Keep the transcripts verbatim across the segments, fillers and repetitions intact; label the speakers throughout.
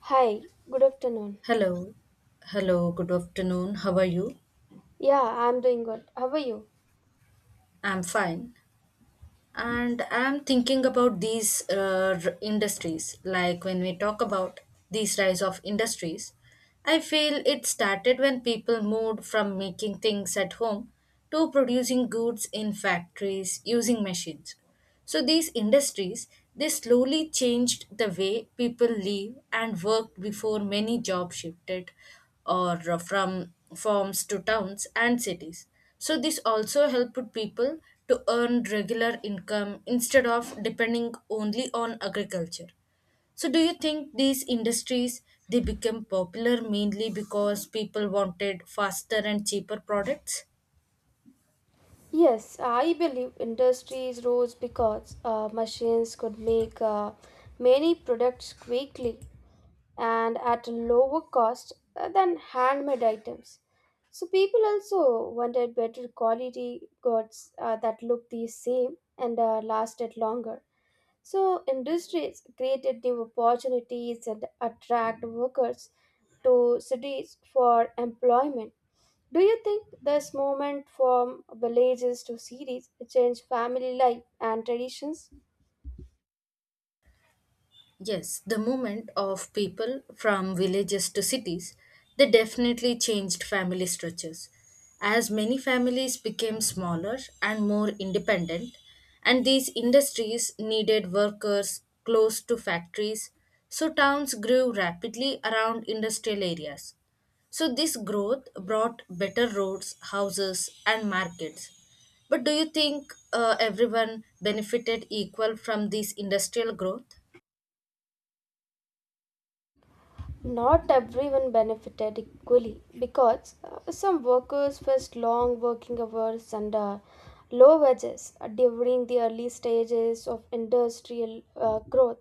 Speaker 1: Hi, good afternoon.
Speaker 2: Hello. Hello, good afternoon. How are you?
Speaker 1: Yeah, I'm doing good. How are you?
Speaker 2: I'm fine. And I'm thinking about these uh, r- industries. Like when we talk about these rise of industries, I feel it started when people moved from making things at home to producing goods in factories using machines. So these industries they slowly changed the way people live and worked before many jobs shifted or from farms to towns and cities. So this also helped people to earn regular income instead of depending only on agriculture. So do you think these industries they became popular mainly because people wanted faster and cheaper products?
Speaker 1: Yes, I believe industries rose because uh, machines could make uh, many products quickly and at a lower cost uh, than handmade items. So people also wanted better quality goods uh, that looked the same and uh, lasted longer. So industries created new opportunities and attract workers to cities for employment. Do you think this movement from villages to cities changed family life and traditions?
Speaker 2: Yes, the movement of people from villages to cities, they definitely changed family structures. As many families became smaller and more independent, and these industries needed workers close to factories, so towns grew rapidly around industrial areas. So, this growth brought better roads, houses, and markets. But do you think uh, everyone benefited equal from this industrial growth?
Speaker 1: Not everyone benefited equally because uh, some workers faced long working hours and uh, low wages during the early stages of industrial uh, growth.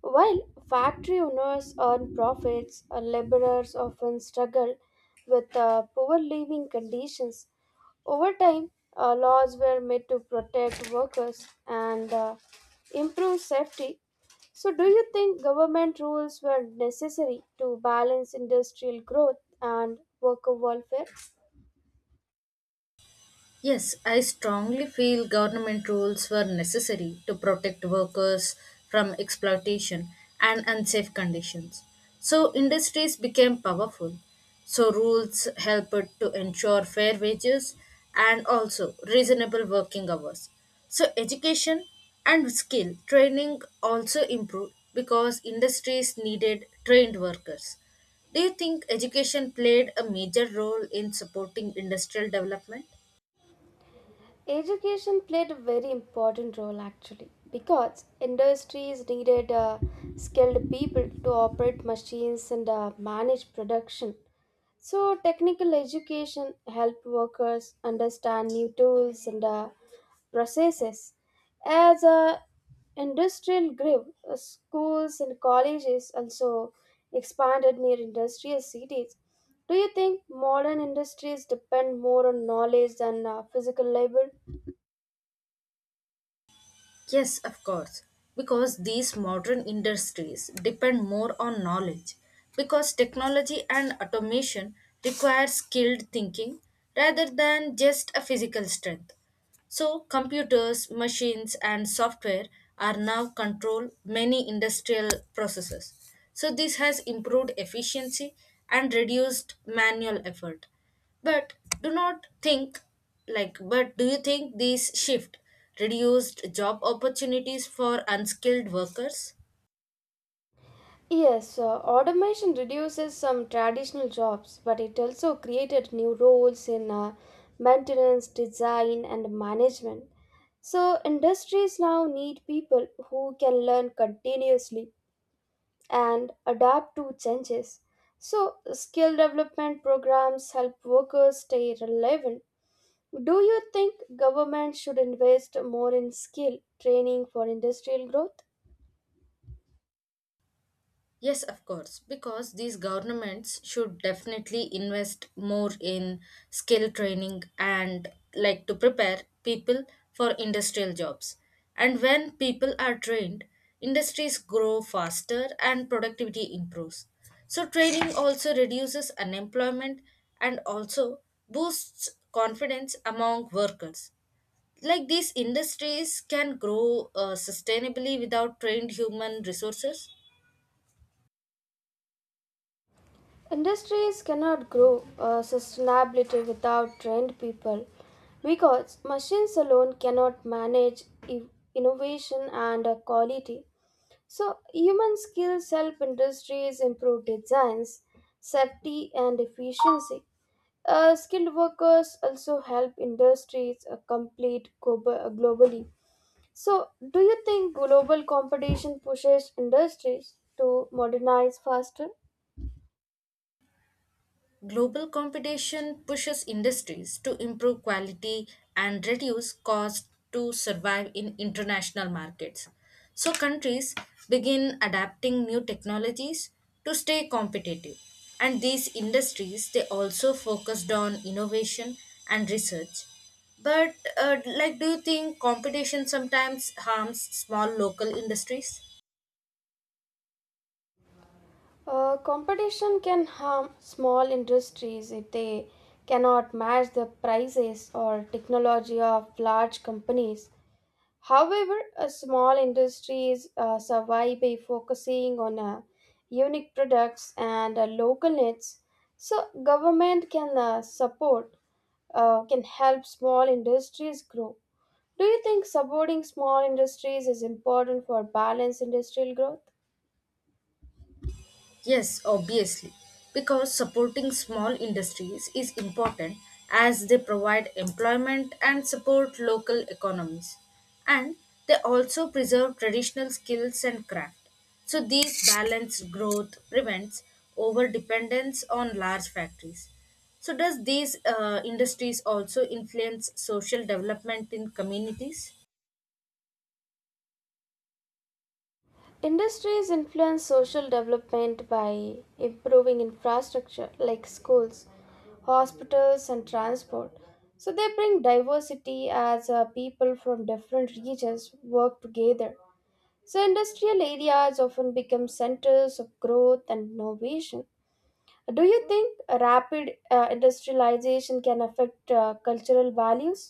Speaker 1: While factory owners earn profits, uh, laborers often struggle with uh, poor living conditions. Over time, uh, laws were made to protect workers and uh, improve safety. So, do you think government rules were necessary to balance industrial growth and worker welfare?
Speaker 2: Yes, I strongly feel government rules were necessary to protect workers from exploitation and unsafe conditions. So industries became powerful. So rules helped to ensure fair wages and also reasonable working hours. So education and skill training also improved because industries needed trained workers. Do you think education played a major role in supporting industrial development?
Speaker 1: Education played a very important role actually because industries needed uh, skilled people to operate machines and uh, manage production. So, technical education helped workers understand new tools and uh, processes. As uh, industrial grew, uh, schools and colleges also expanded near industrial cities. Do you think modern industries depend more on knowledge than uh, physical labor?
Speaker 2: Yes, of course, because these modern industries depend more on knowledge, because technology and automation require skilled thinking rather than just a physical strength. So, computers, machines, and software are now control many industrial processes. So, this has improved efficiency and reduced manual effort. But do not think like but do you think this shift reduced job opportunities for unskilled workers?
Speaker 1: Yes, uh, automation reduces some traditional jobs, but it also created new roles in uh, maintenance, design, and management. So, industries now need people who can learn continuously and adapt to changes. So, skill development programs help workers stay relevant. Do you think government should invest more in skill training for industrial growth?
Speaker 2: Yes, of course, because these governments should definitely invest more in skill training and like to prepare people for industrial jobs. And when people are trained, industries grow faster and productivity improves. So, training also reduces unemployment and also boosts confidence among workers. Like these industries can grow uh, sustainably without trained human resources.
Speaker 1: Industries cannot grow uh, sustainability without trained people because machines alone cannot manage i- innovation and uh, quality. So, human skills help industries improve designs, safety, and efficiency. Uh, skilled workers also help industries uh, complete globa- globally. So, do you think global competition pushes industries to modernize faster?
Speaker 2: Global competition pushes industries to improve quality and reduce costs to survive in international markets. So, countries begin adapting new technologies to stay competitive. And these industries, they also focused on innovation and research. But, uh, like, do you think competition sometimes harms small local industries?
Speaker 1: Uh, competition can harm small industries if they cannot match the prices or technology of large companies. However, a small industries uh, survive by focusing on uh, unique products and uh, local needs. So, government can uh, support uh, can help small industries grow. Do you think supporting small industries is important for balanced industrial growth?
Speaker 2: Yes, obviously, because supporting small industries is important as they provide employment and support local economies. And they also preserve traditional skills and craft. So, these balanced growth prevents over dependence on large factories. So, does these uh, industries also influence social development in communities?
Speaker 1: Industries influence social development by improving infrastructure like schools, hospitals, and transport. So they bring diversity as uh, people from different regions work together. So industrial areas often become centers of growth and innovation. Do you think rapid uh, industrialization can affect uh, cultural values?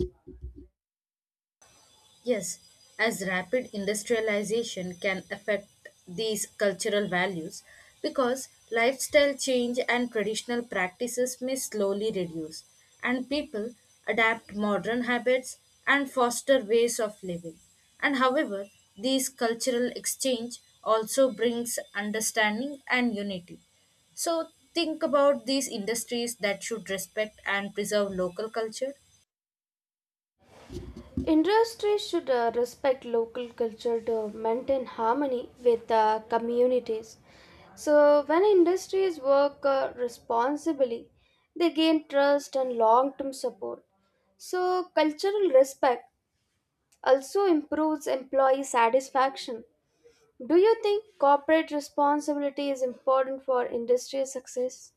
Speaker 2: Yes, as rapid industrialization can affect these cultural values because lifestyle change and traditional practices may slowly reduce, and people adapt modern habits and foster ways of living. And however, these cultural exchange also brings understanding and unity. So think about these industries that should respect and preserve local culture.
Speaker 1: Industries should uh, respect local culture to maintain harmony with uh, communities. So, when industries work uh, responsibly, they gain trust and long term support. So, cultural respect also improves employee satisfaction. Do you think corporate responsibility is important for industry success?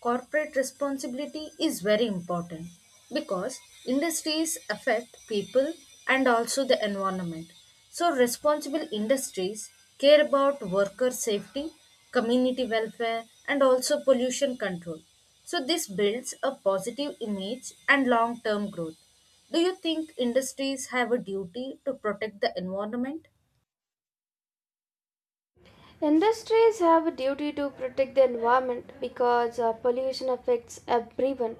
Speaker 2: Corporate responsibility is very important because industries affect people and also the environment. So, responsible industries care about worker safety, community welfare, and also pollution control. So, this builds a positive image and long term growth. Do you think industries have a duty to protect the environment?
Speaker 1: Industries have a duty to protect the environment because uh, pollution affects everyone.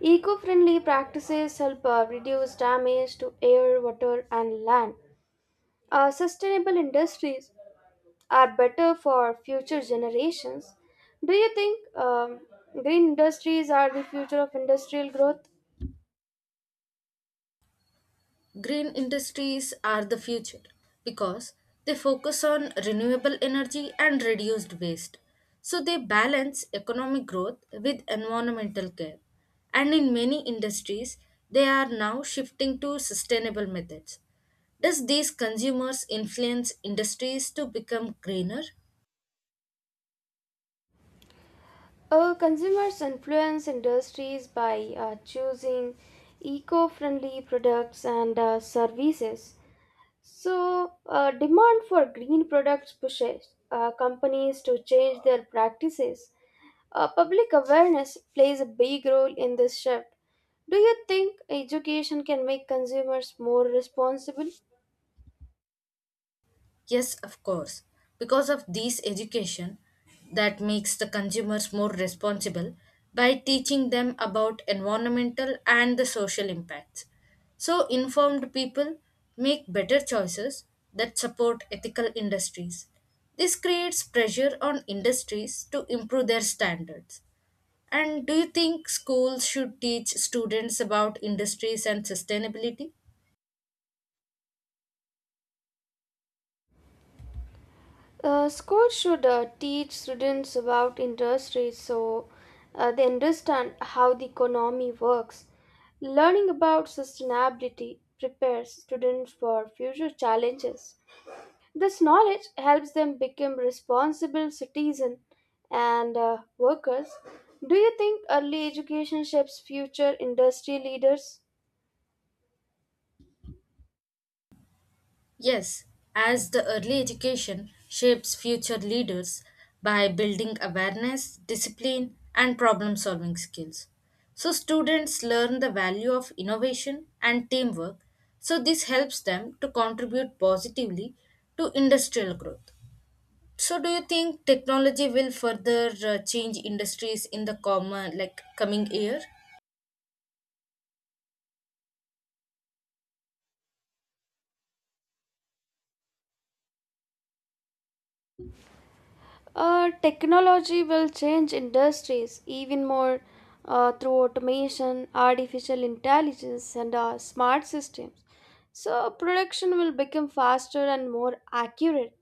Speaker 1: Eco friendly practices help uh, reduce damage to air, water, and land. Uh, sustainable industries are better for future generations. Do you think um, green industries are the future of industrial growth?
Speaker 2: Green industries are the future because they focus on renewable energy and reduced waste. So they balance economic growth with environmental care. And in many industries, they are now shifting to sustainable methods. Does these consumers influence industries to become greener?
Speaker 1: Uh, consumers influence industries by uh, choosing eco friendly products and uh, services. So, uh, demand for green products pushes uh, companies to change their practices. Uh, public awareness plays a big role in this shift. Do you think education can make consumers more responsible?
Speaker 2: Yes, of course. Because of this education that makes the consumers more responsible by teaching them about environmental and the social impacts. So informed people make better choices that support ethical industries. This creates pressure on industries to improve their standards. And do you think schools should teach students about industries and sustainability?
Speaker 1: Uh, schools should uh, teach students about industries so uh, they understand how the economy works. Learning about sustainability prepares students for future challenges. This knowledge helps them become responsible citizens and uh, workers. Do you think early education shapes future industry leaders?
Speaker 2: Yes, as the early education shapes future leaders by building awareness, discipline, and problem solving skills. So, students learn the value of innovation and teamwork. So, this helps them to contribute positively to industrial growth. So, do you think technology will further uh, change industries in the common, like coming year?
Speaker 1: Uh, technology will change industries even more uh, through automation, artificial intelligence, and uh, smart systems. So, production will become faster and more accurate.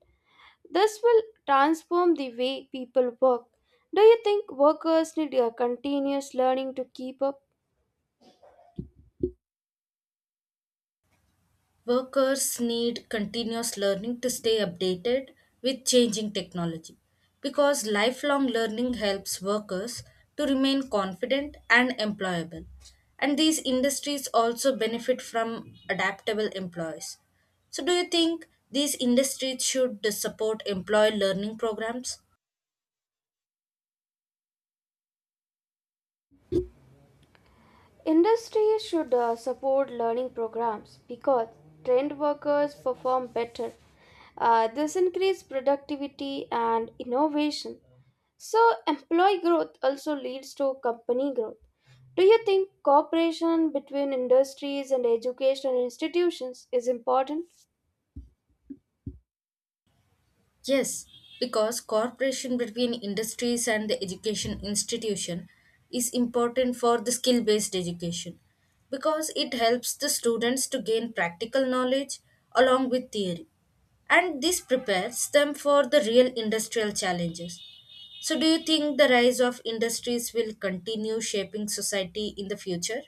Speaker 1: This will transform the way people work. Do you think workers need uh, continuous learning to keep up?
Speaker 2: Workers need continuous learning to stay updated with changing technology because lifelong learning helps workers to remain confident and employable. And these industries also benefit from adaptable employees. So, do you think these industries should support employee learning programs?
Speaker 1: Industry should uh, support learning programs because trained workers perform better. Uh, this increases productivity and innovation. So, employee growth also leads to company growth. Do you think cooperation between industries and educational institutions is important?
Speaker 2: Yes, because cooperation between industries and the education institution is important for the skill based education because it helps the students to gain practical knowledge along with theory and this prepares them for the real industrial challenges. So do you think the rise of industries will continue shaping society in the future?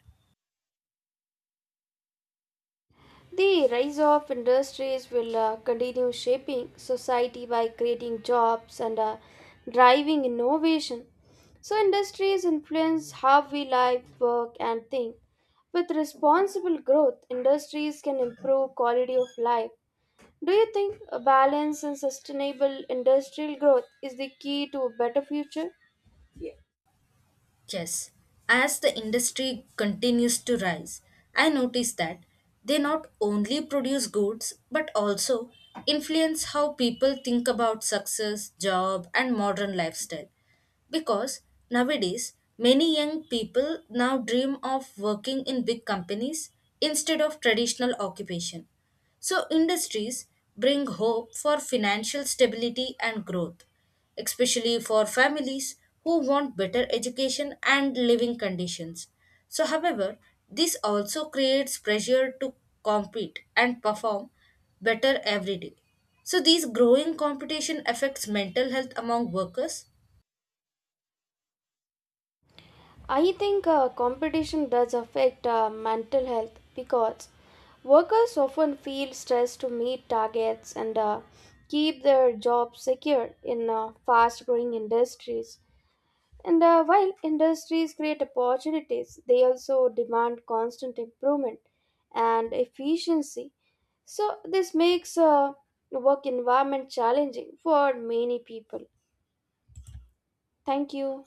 Speaker 1: The rise of industries will uh, continue shaping society by creating jobs and uh, driving innovation. So, industries influence how we live, work, and think. With responsible growth, industries can improve quality of life. Do you think a balanced and sustainable industrial growth is the key to a better future?
Speaker 2: Yes, as the industry continues to rise, I notice that they not only produce goods but also influence how people think about success, job, and modern lifestyle. Because nowadays, many young people now dream of working in big companies instead of traditional occupation. So, industries bring hope for financial stability and growth especially for families who want better education and living conditions. So, however, this also creates pressure to compete and perform better every day. So, these growing competition affects mental health among workers
Speaker 1: I think uh, competition does affect uh, mental health because workers often feel stressed to meet targets and uh, keep their jobs secure in uh, fast growing industries. And uh, while industries create opportunities, they also demand constant improvement and efficiency. So, this makes uh, work environment challenging for many people. Thank you.